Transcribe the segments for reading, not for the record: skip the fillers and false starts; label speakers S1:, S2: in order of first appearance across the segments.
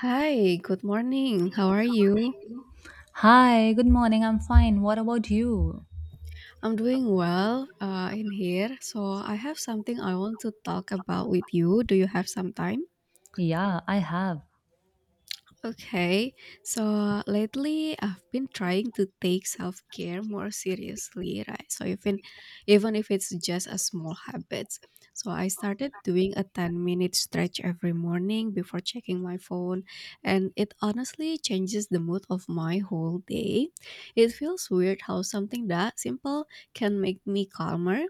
S1: Hi, good morning. How are you?
S2: Hi, good morning. I'm fine. What about you?
S1: I'm doing well in here. So, I have something I want to talk about with you. Do you have some time?
S2: Yeah, I have.
S1: Okay, so lately I've been trying to take self care more seriously, right? So even if it's just a small habit, so I started doing a 10 minute stretch every morning before checking my phone, and it honestly changes the mood of my whole day. It feels weird how something that simple can make me calmer.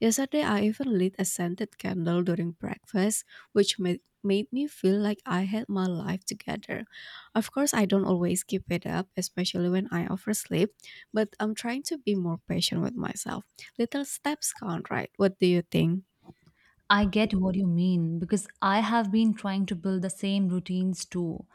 S1: Yesterday I even lit a scented candle during breakfast, which made me feel like I had my life together. Of course, I don't always keep it up, especially when I oversleep, but I'm trying to be more patient with myself. Little steps count, right? What do you think?
S2: I get what you mean because I have been trying to build the same routines too.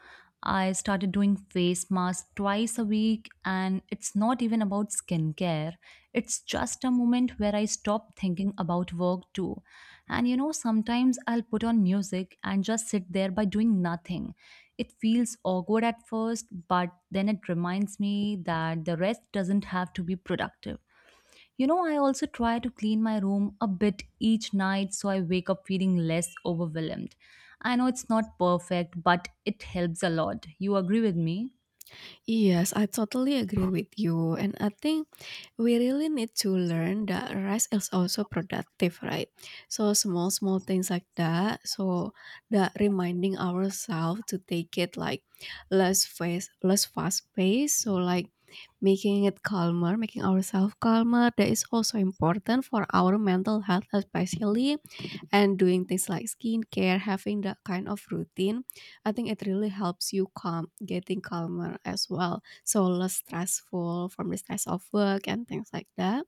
S2: I started doing face masks twice a week, and it's not even about skincare. It's just a moment where I stop thinking about work too. Sometimes I'll put on music and just sit there by doing nothing. It feels awkward at first, but then it reminds me that the rest doesn't have to be productive. I also try to clean my room a bit each night so I wake up feeling less overwhelmed. I know it's not perfect, but it helps a lot. You agree with me?
S1: Yes, I totally agree with you. And I think we really need to learn that rest is also productive, right? So small, small things like that. So that reminding ourselves to take it like less fast pace. So like making it calmer, making ourselves calmer. That is also important for our mental health, especially, and doing things like skincare, having that kind of routine, I think it really helps you calm, getting calmer as well. So less stressful from the stress of work and things like that.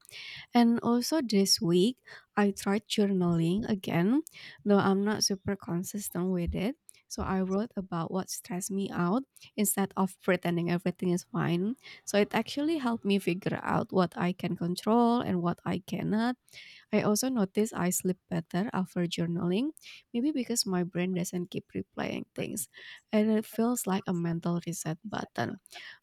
S1: And also this week, I tried journaling again, though I'm not super consistent with it. So I wrote about what stressed me out instead of pretending everything is fine. So it actually helped me figure out what I can control and what I cannot. I also notice I sleep better after journaling, maybe because my brain doesn't keep replaying things. And it feels like a mental reset button,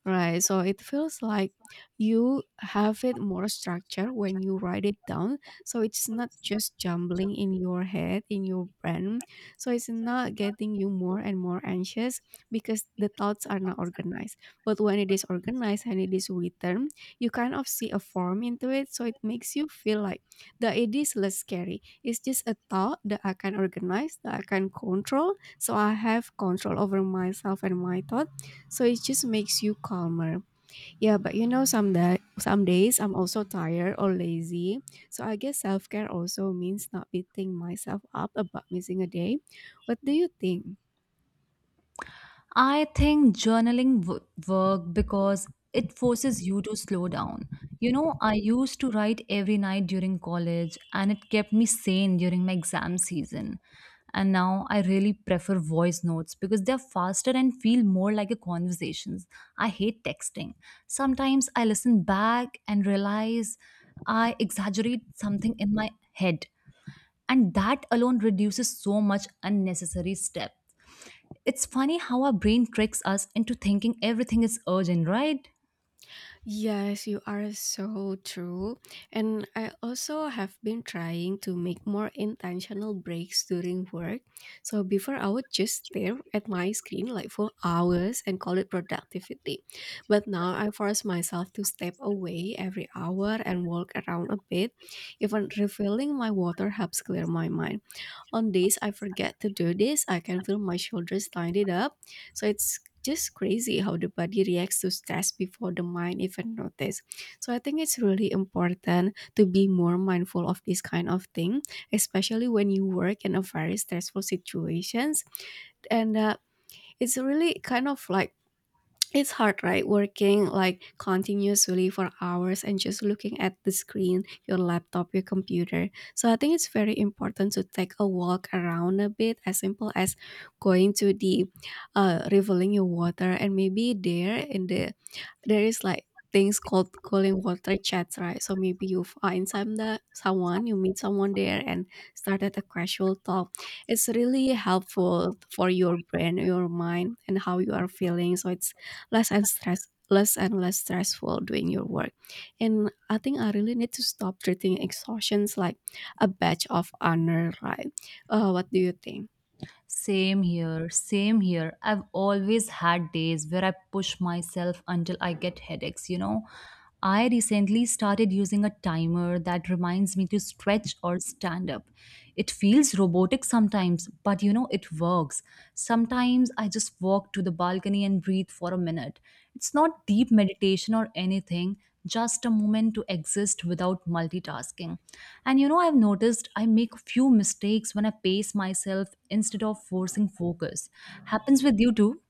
S1: right? So it feels like you have it more structured when you write it down. So it's not just jumbling in your head, in your brain. So it's not getting you more and more anxious because the thoughts are not organized. But when it is organized and it is written, you kind of see a form into it. So it makes you feel like the idea is less scary. It's just a thought that I can organize, that I can control. So I have control over myself and my thought. So it just makes you calmer. Yeah, but you know, some days I'm also tired or lazy. So I guess self care also means not beating myself up about missing a day. What do you think?
S2: I think journaling work because it forces you to slow down. I used to write every night during college and it kept me sane during my exam season. And now I really prefer voice notes because they're faster and feel more like a conversations. I hate texting. Sometimes I listen back and realize I exaggerate something in my head and that alone reduces so much unnecessary step. It's funny how our brain tricks us into thinking everything is urgent, right?
S1: Yes, you are so true. And I also have been trying to make more intentional breaks during work. So before I would just stare at my screen like for hours and call it productivity. But now I force myself to step away every hour and walk around a bit. Even refilling my water helps clear my mind. On days I forget to do this, I can feel my shoulders tighten up. So it's just crazy how the body reacts to stress before the mind even notice. So I think it's really important to be more mindful of this kind of thing, especially when you work in a very stressful situations, and it's really kind of like, it's hard, right? Working like continuously for hours and just looking at the screen, your laptop, your computer. So I think it's very important to take a walk around a bit, as simple as going to the reveling your water, and maybe there in the, there is like things called cooling water chats, right? So maybe you find some that someone, you meet someone there and started a casual talk. It's really helpful for your brain, your mind, and how you are feeling. So it's less and stress, less and less stressful doing your work. And I think I really need to stop treating exhaustions like a badge of honor, right? What do you think?
S2: Same here, same here. I've always had days where I push myself until I get headaches, you know. I recently started using a timer that reminds me to stretch or stand up. It feels robotic sometimes, but you know, it works. Sometimes I just walk to the balcony and breathe for a minute. It's not deep meditation or anything, just a moment to exist without multitasking. I've noticed I make few mistakes when I pace myself instead of forcing focus. Happens with you too?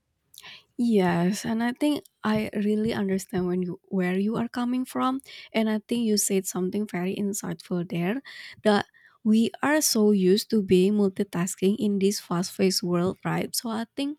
S1: Yes, and I think I really understand when you where you are coming from, and I think you said something very insightful there, that we are so used to being multitasking in this fast-paced world, right? So I think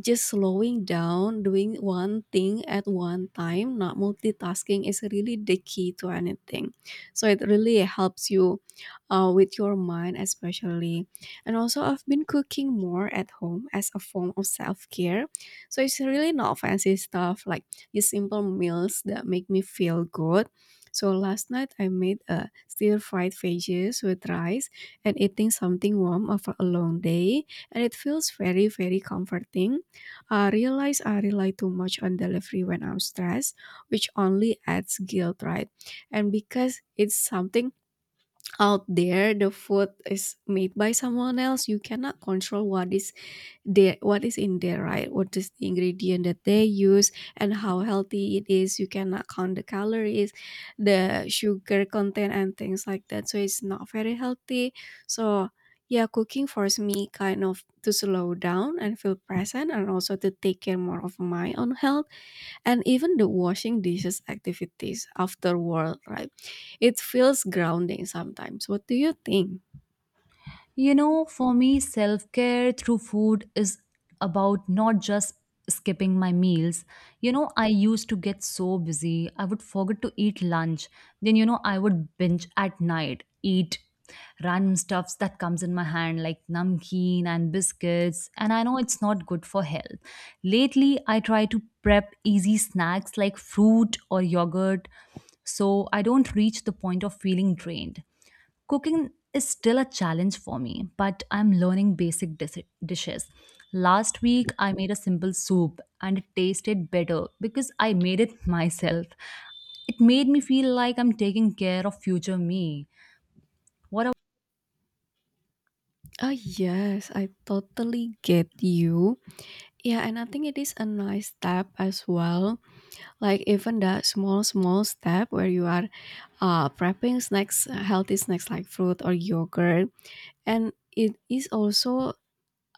S1: just slowing down, doing one thing at one time, not multitasking, is really the key to anything. So it really helps you with your mind, especially. And also, I've been cooking more at home as a form of self care. So it's really not fancy stuff, like just simple meals that make me feel good. So last night I made a stir fried veggies with rice, and eating something warm after a long day, and it feels very very comforting. I realize I rely too much on delivery when I'm stressed, which only adds guilt, right? And because it's something out there, the food is made by someone else, you cannot control what is there, what is in there, right? What is the ingredient that they use and how healthy it is. You cannot count the calories, the sugar content and things like that, so it's not very healthy. So yeah, cooking forced me kind of to slow down and feel present and also to take care more of my own health. And even the washing dishes activities afterward, right? It feels grounding sometimes. What do you think?
S2: You know, for me, self care through food is about not just skipping my meals. I used to get so busy, I would forget to eat lunch. Then, I would binge at night, eat random stuffs that comes in my hand like namkeen and biscuits and I know it's not good for health. Lately I try to prep easy snacks like fruit or yogurt so I don't reach the point of feeling drained. Cooking is still a challenge for me, but I'm learning basic dishes. Last week, I made a simple soup and it tasted better because I made it myself. It made me feel like I'm taking care of future me. What
S1: Ah yes, I totally get you. Yeah, and I think it is a nice step as well. Like even that small, small step where you are prepping snacks, healthy snacks like fruit or yogurt, and it is also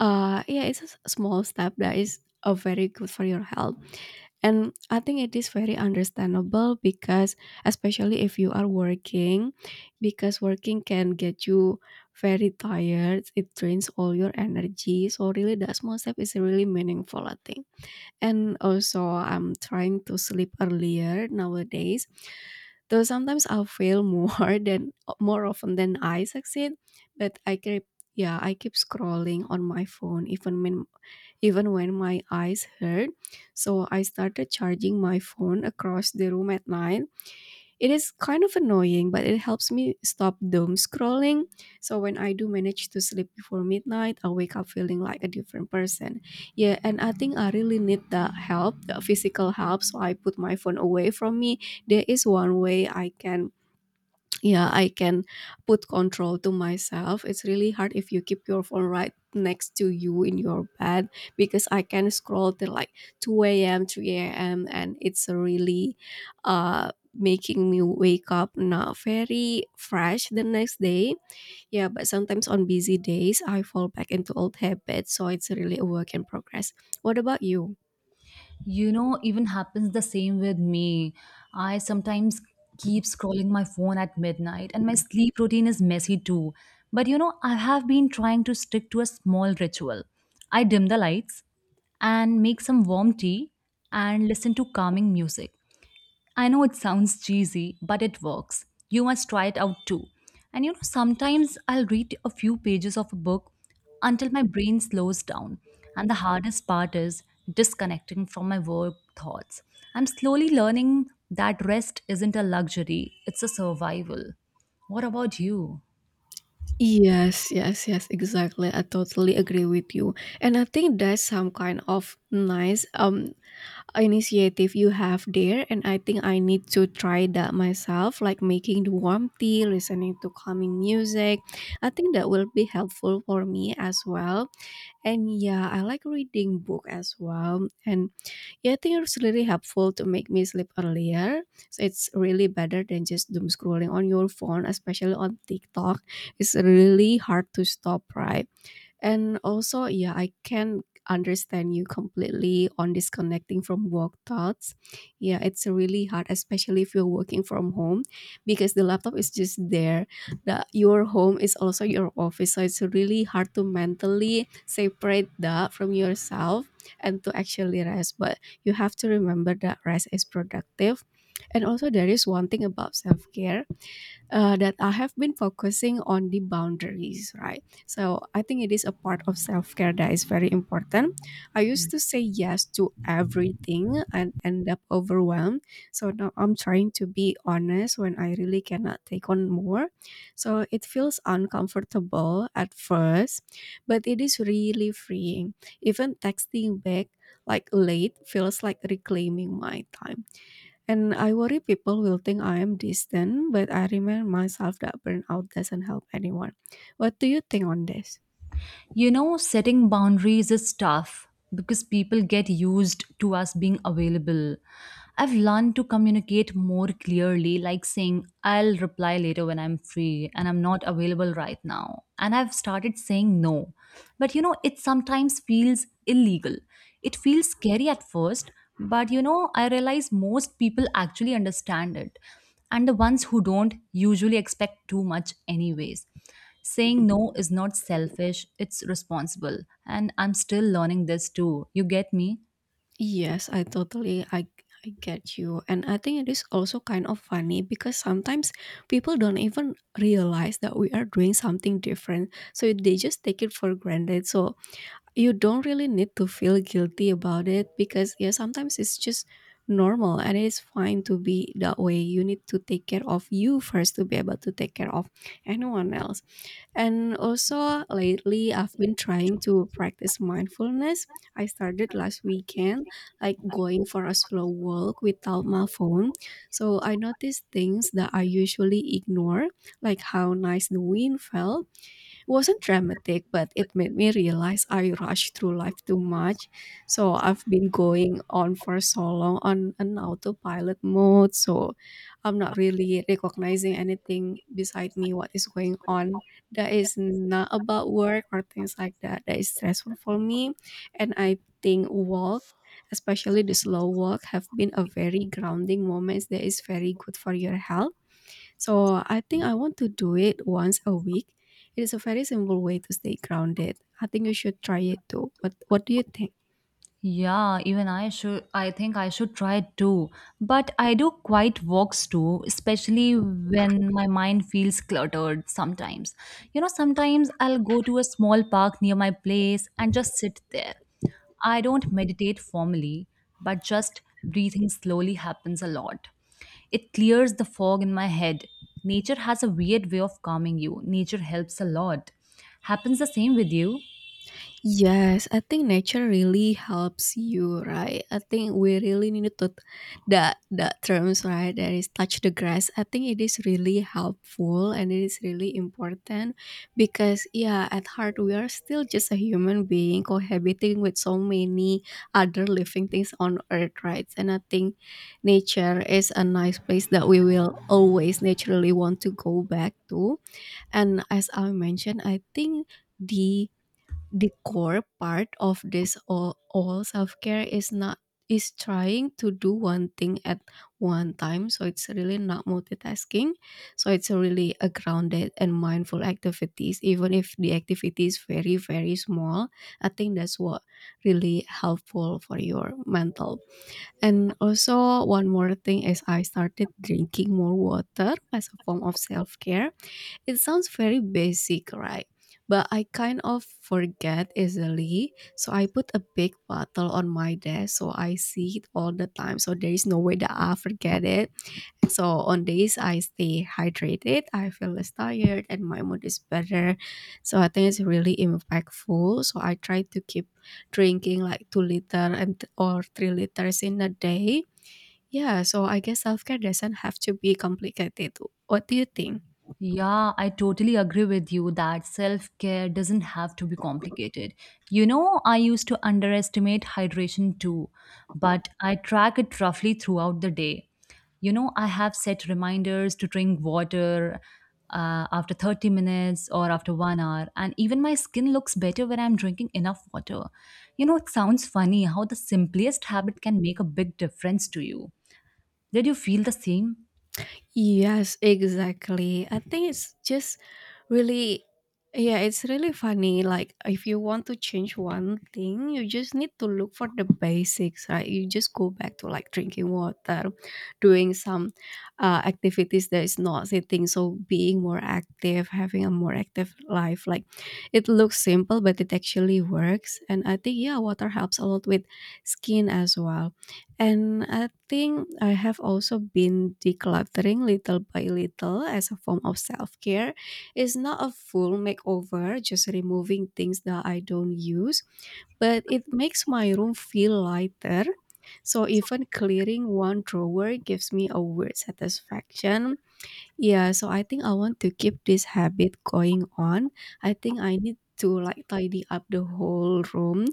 S1: yeah, it's a small step that is very good for your health. And I think it is very understandable because, especially if you are working, because working can get you very tired. It drains all your energy. So really, that small step is really meaningful, I think. And also, I'm trying to sleep earlier nowadays. Though sometimes I'll fail more than more often than I succeed, but I keep, yeah, I keep scrolling on my phone even when my eyes hurt. So I started charging my phone across the room at night. It is kind of annoying, but it helps me stop doom scrolling. So when I do manage to sleep before midnight, I wake up feeling like a different person. Yeah, and I think I really need the help, the physical help. So I put my phone away from me. There is one way I can, yeah, I can put control to myself. It's really hard if you keep your phone right next to you in your bed, because I can scroll till like 2 a.m, 3 a.m, and it's really, making me wake up not very fresh the next day. Yeah, but sometimes on busy days I fall back into old habits, so it's really a work in progress. What about you?
S2: Even happens the same with me. I sometimes keep scrolling my phone at midnight and my sleep routine is messy too. But I have been trying to stick to a small ritual. I dim the lights and make some warm tea and listen to calming music. I know it sounds cheesy, but it works. You must try it out too. Sometimes I'll read a few pages of a book until my brain slows down. And the hardest part is disconnecting from my work thoughts. I'm slowly learning that rest isn't a luxury, it's a survival. What about you?
S1: Yes, yes, yes, exactly. I totally agree with you. And I think that's some kind of nice initiative you have there, and I think I need to try that myself, like making the warm tea, listening to calming music. I think that will be helpful for me as well. And yeah, I like reading book as well. And yeah, I think it's really helpful to make me sleep earlier. So it's really better than just doom scrolling on your phone, especially on TikTok. It's really hard to stop, right? And also, yeah, I can understand you completely on disconnecting from work thoughts. Yeah, it's really hard, especially if you're working from home, because the laptop is just there. Your home is also your office, so it's really hard to mentally separate that from yourself and to actually rest. But you have to remember that rest is productive. And also, there is one thing about self care that I have been focusing on, the boundaries, right? So I think it is a part of self care that is very important. I used to say yes to everything and end up overwhelmed. So now I'm trying to be honest when I really cannot take on more. So it feels uncomfortable at first, but it is really freeing. Even texting back like late feels like reclaiming my time, and I worry people will think I am distant, but I remind myself that burnout doesn't help anyone. What do you think on this?
S2: Setting boundaries is tough because people get used to us being available. I've learned to communicate more clearly, like saying, I'll reply later when I'm free and I'm not available right now. And I've started saying no. But it sometimes feels illegal. It feels scary at first, but I realize most people actually understand it. And the ones who don't usually expect too much, anyways. Saying no is not selfish, it's responsible. And I'm still learning this too. You get me?
S1: Yes, I totally I get you. And I think it is also kind of funny because sometimes people don't even realize that we are doing something different. So they just take it for granted. So you don't really need to feel guilty about it because yeah, sometimes it's just normal and it's fine to be that way. You need to take care of you first to be able to take care of anyone else. And also, lately I've been trying to practice mindfulness. I started last weekend, like going for a slow walk without my phone, so I noticed things that I usually ignore, like how nice the wind felt. It wasn't dramatic, but it made me realize I rush through life too much. So I've been going on for so long on an autopilot mode. So I'm not really recognizing anything beside me, what is going on. That is not about work or things like that. That is stressful for me. And I think walk, especially the slow walk, have been a very grounding moment that is very good for your health. So I think I want to do it once a week. It is a very simple way to stay grounded. I think you should try it too. What do you think?
S2: Yeah, even I should I think I should try it too. But I do quite walks too, especially when my mind feels cluttered sometimes. Sometimes I'll go to a small park near my place and just sit there. I don't meditate formally, but just breathing slowly happens a lot. It clears the fog in my head. Nature has a weird way of calming you. Nature helps a lot. Happens the same with you?
S1: Yes, I think nature really helps you, right? I think we really need to that terms, right? That is, touch the grass. I think it is really helpful and it is really important because yeah, at heart we are still just a human being cohabiting with so many other living things on earth, right? And I think nature is a nice place that we will always naturally want to go back to. And as I mentioned, I think the the core part of this all self-care is not, is trying to do one thing at one time, so it's really not multitasking. So it's really a grounded and mindful activities, even if the activity is very very small. I think that's what really helpful for your mental. And also, one more thing is, I started drinking more water as a form of self-care. It sounds very basic, right? But I kind of forget easily. So I put a big bottle on my desk so I see it all the time. So there is no way that I forget it. So on days I stay hydrated, I feel less tired and my mood is better. So I think it's really impactful. So I try to keep drinking like 2 liter and or 3 liters in a day. Yeah, so I guess self care doesn't have to be complicated. What do you think?
S2: Yeah, I totally agree with you that self care doesn't have to be complicated. I used to underestimate hydration too, but I track it roughly throughout the day. I have set reminders to drink water after 30 minutes or after 1 hour, and even my skin looks better when I'm drinking enough water. It sounds funny how the simplest habit can make a big difference to you. Did you feel the same?
S1: Yes, exactly. I think it's just really, yeah, it's really funny. Like, if you want to change one thing, you just need to look for the basics, right? You just go back to like drinking water, doing some activities that is not sitting. So, being more active, having a more active life. Like, it looks simple, but it actually works. And I think, yeah, water helps a lot with skin as well. And I think I have also been decluttering little by little as a form of self care. It's not a full makeover, just removing things that I don't use, but it makes my room feel lighter. So even clearing one drawer gives me a weird satisfaction. Yeah, so I think I want to keep this habit going on. I think I need to like tidy up the whole room,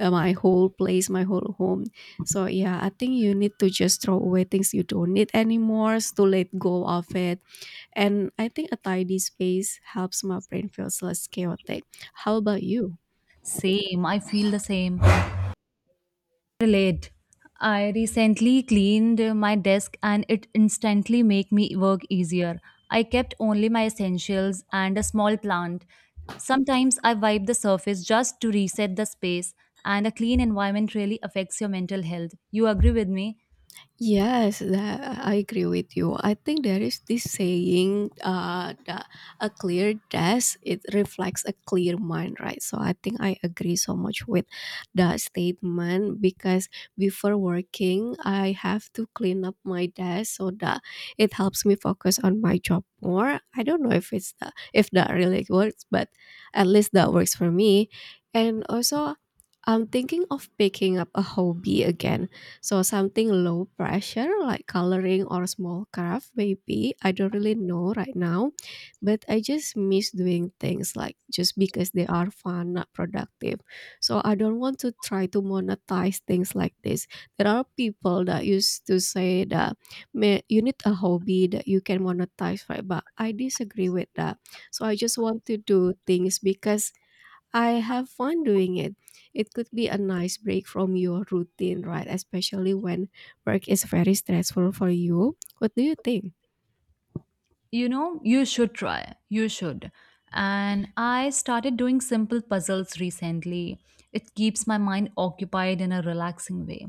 S1: my whole place, my whole home. So yeah, I think you need to just throw away things you don't need anymore, to let go of it. And I think a tidy space helps my brain feels less chaotic. How about you?
S2: Same, I feel the same. Relate. I recently cleaned my desk and it instantly make me work easier. I kept only my essentials and a small plant. Sometimes I wipe the surface just to reset the space and a clean environment really affects your mental health. You agree with me?
S1: Yes, that, I agree with you. I think there is this saying that a clear desk it reflects a clear mind, right? So I think I agree so much with that statement because before working, I have to clean up my desk so that it helps me focus on my job more. I don't know if it's the, if that really works, but at least that works for me. And also, I'm thinking of picking up a hobby again, so something low pressure like coloring or small craft maybe. I don't really know right now, but I just miss doing things like just because they are fun, not productive. So I don't want to try to monetize things like this. There are people that used to say that, "You need a hobby that you can monetize, right? But I disagree with that. So I just want to do things because I have fun doing it. It could be a nice break from your routine, right? Especially when work is very stressful for you. What do you think?
S2: You should try. You should. And I started doing simple puzzles recently. It keeps my mind occupied in a relaxing way.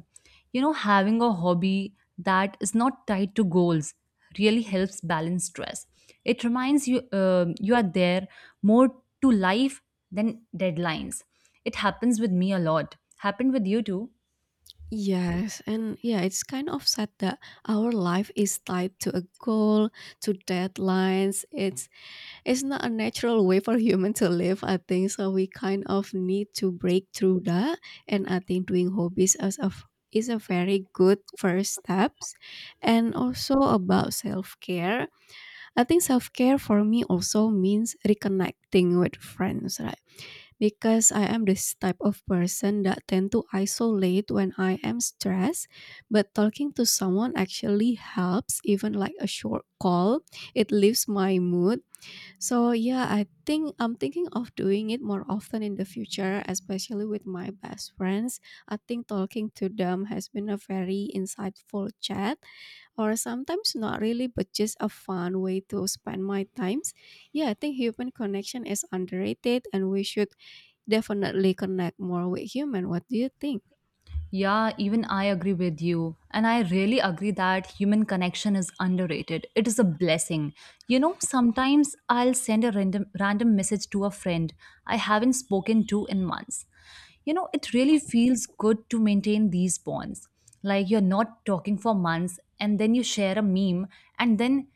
S2: Having a hobby that is not tied to goals really helps balance stress. It reminds you you are there more to life than deadlines. It happens with me a lot. Happened with you too?
S1: Yes, and yeah, it's kind of sad that our life is tied to a goal, to deadlines. It's not a natural way for human to live, I think. So we kind of need to break through that. And I think doing hobbies as a is a very good first steps. And also about self-care, I think self-care for me also means reconnecting with friends, right? Because I am this type of person that tend to isolate when I am stressed, but talking to someone actually helps, even like a short call. It lifts my mood. So yeah, I think I'm thinking of doing it more often in the future, especially with my best friends. I think talking to them has been a very insightful chat, or sometimes not really, but just a fun way to spend my times. Yeah, I think human connection is underrated, and we should definitely connect more with human. What do you think?
S2: Yeah, even I agree with you. And I really agree that human connection is underrated. It is a blessing. Sometimes I'll send a random message to a friend I haven't spoken to in months. It really feels good to maintain these bonds. Like you're not talking for months and then you share a meme and then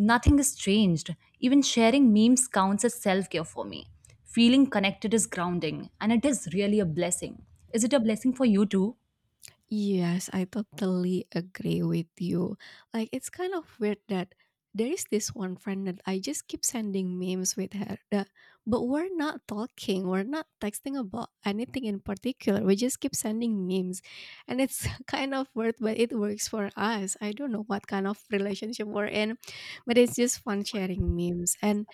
S2: nothing has changed. Even sharing memes counts as self care for me. Feeling connected is grounding, and it is really a blessing. Is it a blessing for you too?
S1: Yes, I totally agree with you. Like, it's kind of weird that there is this one friend that I just keep sending memes with her, that, but we're not talking, we're not texting about anything in particular. We just keep sending memes. And it's kind of weird, but it works for us. I don't know what kind of relationship we're in, but it's just fun sharing memes. And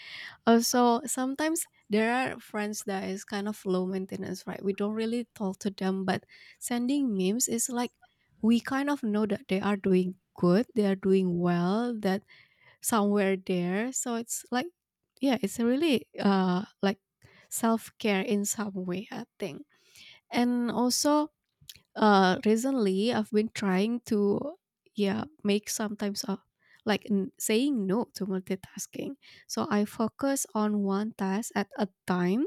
S1: also, sometimes there are friends that is kind of low maintenance, right? We don't really talk to them, but sending memes is like, we kind of know that they are doing good, they are doing well, that somewhere there. So it's like, yeah, it's really like self care in some way, I think. And also, recently I've been trying to yeah make sometimes like saying no to multitasking, so I focus on one task at a time.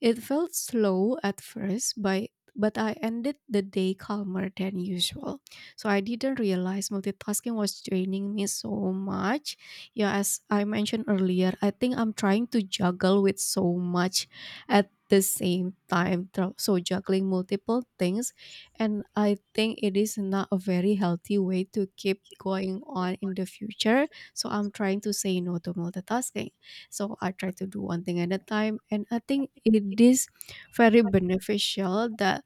S1: It felt slow at first, but I ended the day calmer than usual. So I didn't realize multitasking was draining me so much. Yeah, as I mentioned earlier, I think I'm trying to juggle with so much at the same time, so juggling multiple things, and I think it is not a very healthy way to keep going on in the future. So I'm trying to say no to multitasking. So I try to do one thing at a time, and I think it is very beneficial that,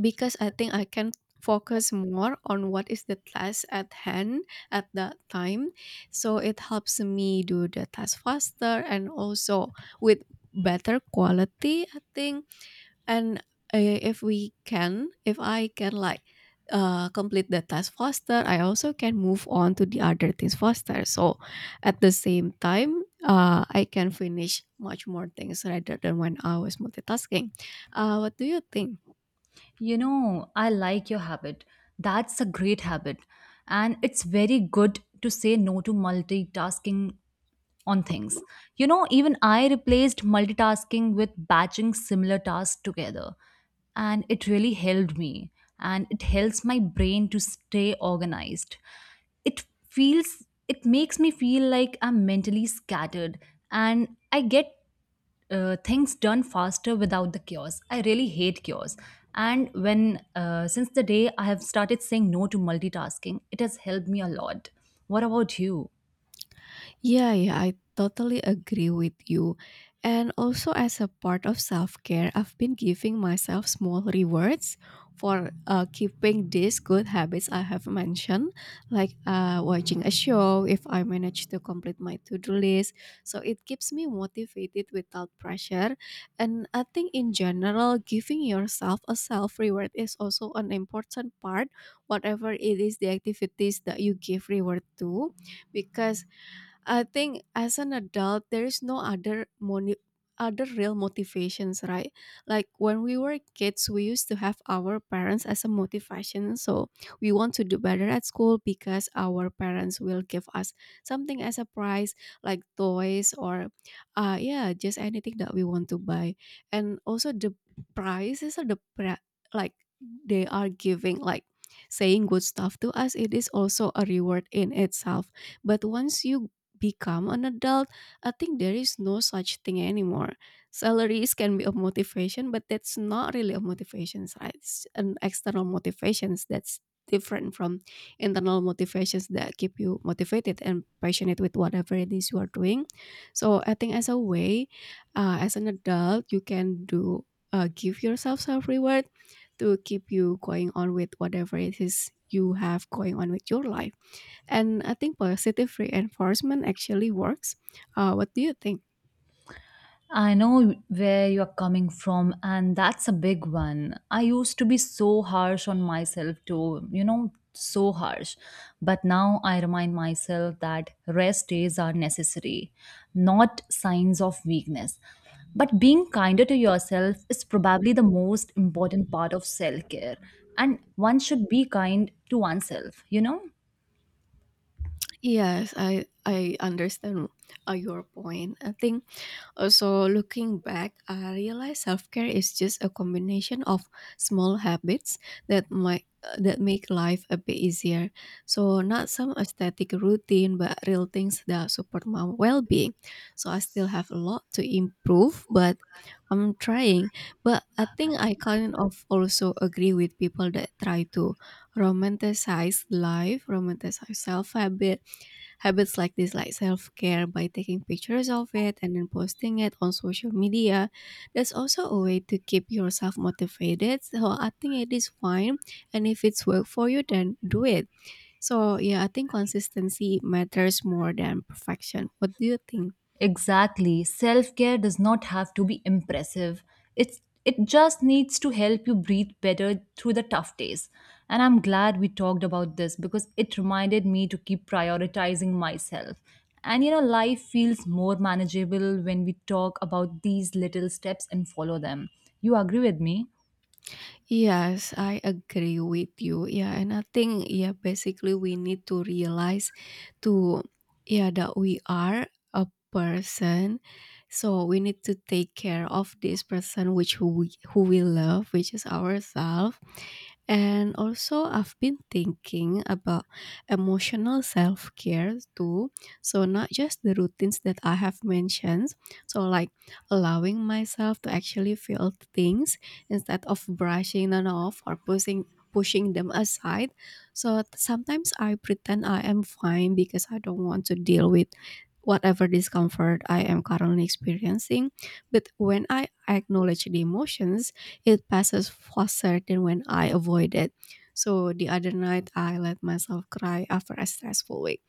S1: because I think I can focus more on what is the task at hand at that time, so it helps me do the task faster and also with better quality, I think. And if we can, if I can like complete the task faster, I also can move on to the other things faster. So at the same time, I can finish much more things rather than when I was multitasking. What do you think?
S2: I like your habit. That's a great habit. And it's very good to say no to multitasking on things. Even I replaced multitasking with batching similar tasks together. And it really helped me. And it helps my brain to stay organized. It makes me feel like I'm mentally scattered and I get things done faster without the chaos. I really hate chaos. And when since the day I have started saying no to multitasking it has helped me a lot. What about you?
S1: Yeah, yeah, I totally agree with you. And also, as a part of self care, I've been giving myself small rewards for keeping these good habits I have mentioned, like watching a show if I manage to complete my to do list. So it keeps me motivated without pressure. And I think, in general, giving yourself a self reward is also an important part, whatever it is the activities that you give reward to, because I think as an adult, there is no other other real motivations, right? Like when we were kids, we used to have our parents as a motivation. So we want to do better at school because our parents will give us something as a prize, like toys or, yeah, just anything that we want to buy. And also the prizes or the like they are giving like saying good stuff to us, it is also a reward in itself. But once you become an adult, I think there is no such thing anymore. Salaries can be a motivation, but that's not really a motivation, right? It's an external motivations that's different from internal motivations that keep you motivated and passionate with whatever it is you are doing. So I think as a way, as an adult, you can do give yourself self reward to keep you going on with whatever it is you have going on with your life. And I think positive reinforcement actually works. What do you think?
S2: I know where you are coming from, and that's a big one. I used to be so harsh on myself, too, you know, so harsh. But now I remind myself that rest days are necessary, not signs of weakness. But being kinder to yourself is probably the most important part of self care, and one should be kind to oneself, you know?
S1: Yes, I understand your point. I think also, looking back, I realized self-care is just a combination of small habits that might that make life a bit easier. So not some aesthetic routine, but real things that support my well-being. So I still have a lot to improve, but I'm trying. But I think I kind of also agree with people that try to romanticize life, romanticize self-habit, habits like this, like self-care by taking pictures of it and then posting it on social media. That's also a way to keep yourself motivated. So I think it is fine. And if it's work for you, then do it. So yeah, I think consistency matters more than perfection. What do you think?
S2: Exactly. Self care does not have to be impressive. It just needs to help you breathe better through the tough days. And I'm glad we talked about this because it reminded me to keep prioritizing myself. Life feels more manageable when we talk about these little steps and follow them. You agree with me?
S1: Yes, I agree with you. Yeah, and I think yeah, basically we need to realize to yeah that we are a person. So we need to take care of this person which who we love, which is ourselves. And also, I've been thinking about emotional self care too. So, not just the routines that I have mentioned. So, like allowing myself to actually feel things instead of brushing them off or pushing them aside. So sometimes I pretend I am fine because I don't want to deal with whatever discomfort I am currently experiencing. But when I acknowledge the emotions, it passes faster than when I avoid it. So the other night, I let myself cry after a stressful week.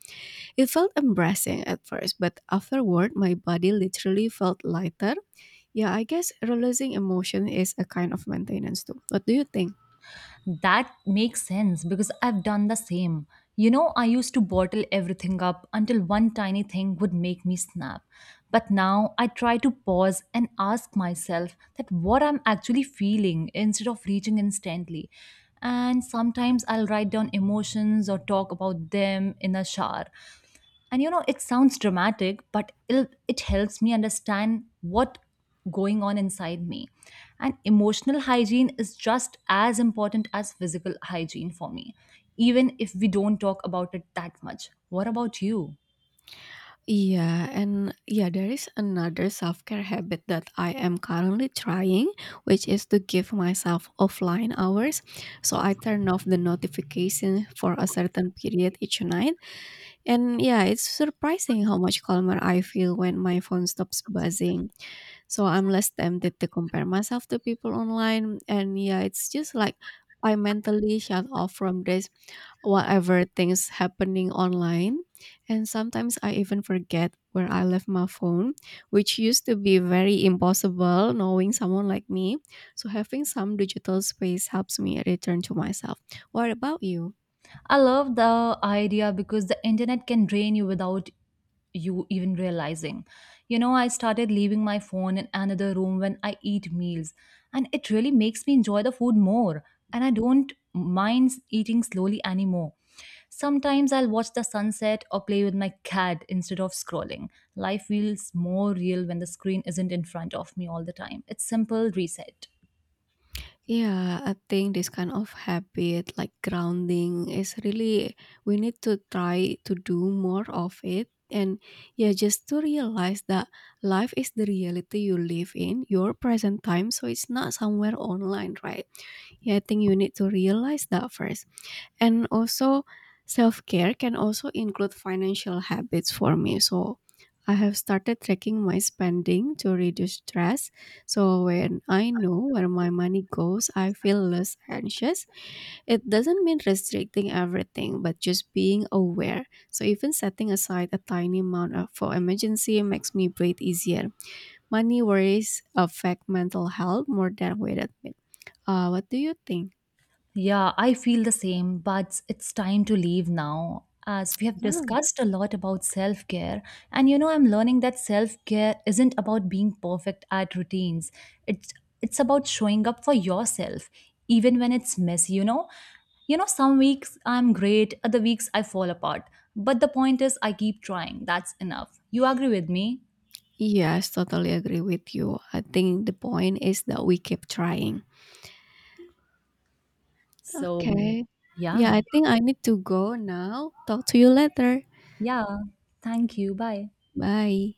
S1: It felt embarrassing at first, but afterward, my body literally felt lighter. Yeah, I guess releasing emotion is a kind of maintenance too. What do you think?
S2: That makes sense because I've done the same. I used to bottle everything up until one tiny thing would make me snap. But now I try to pause and ask myself that what I'm actually feeling instead of reaching instantly. And sometimes I'll write down emotions or talk about them in a shower. It sounds dramatic, but it helps me understand what going on inside me. And emotional hygiene is just as important as physical hygiene for me, even if we don't talk about it that much. What about you?
S1: Yeah, and yeah, there is another self care habit that I am currently trying, which is to give myself offline hours. So I turn off the notification for a certain period each night. And yeah, it's surprising how much calmer I feel when my phone stops buzzing. So I'm less tempted to compare myself to people online. And yeah, it's just like I mentally shut off from this whatever things happening online, and sometimes I even forget where I left my phone, which used to be very impossible knowing someone like me. So having some digital space helps me return to myself. What about you?
S2: I love the idea because the internet can drain you without you even realizing. I started leaving my phone in another room when I eat meals, and it really makes me enjoy the food more. And I don't mind eating slowly anymore. Sometimes I'll watch the sunset or play with my cat instead of scrolling. Life feels more real when the screen isn't in front of me all the time. It's simple reset.
S1: Yeah, I think this kind of habit, like grounding, is really, we need to try to do more of it. And yeah, just to realize that life is the reality you live in, your present time. So it's not somewhere online, right? Yeah, I think you need to realize that first. And also self-care can also include financial habits for me. So I have started tracking my spending to reduce stress. So when I know where my money goes, I feel less anxious. It doesn't mean restricting everything, but just being aware. So even setting aside a tiny amount for emergency makes me breathe easier. Money worries affect mental health more than weight admit. What do you think?
S2: Yeah, I feel the same, but it's time to leave now. As we have discussed a lot about self care, and I'm learning that self care isn't about being perfect at routines. It's it's about showing up for yourself, even when it's messy. Some weeks I'm great, other weeks I fall apart. But the point is, I keep trying. That's enough. You agree with me?
S1: Yes, totally agree with you. I think the point is that we keep trying.
S2: So,
S1: Okay.
S2: yeah,
S1: Yeah, I think I need to go now. Talk to you later.
S2: yeah. Thank you. Bye.
S1: Bye.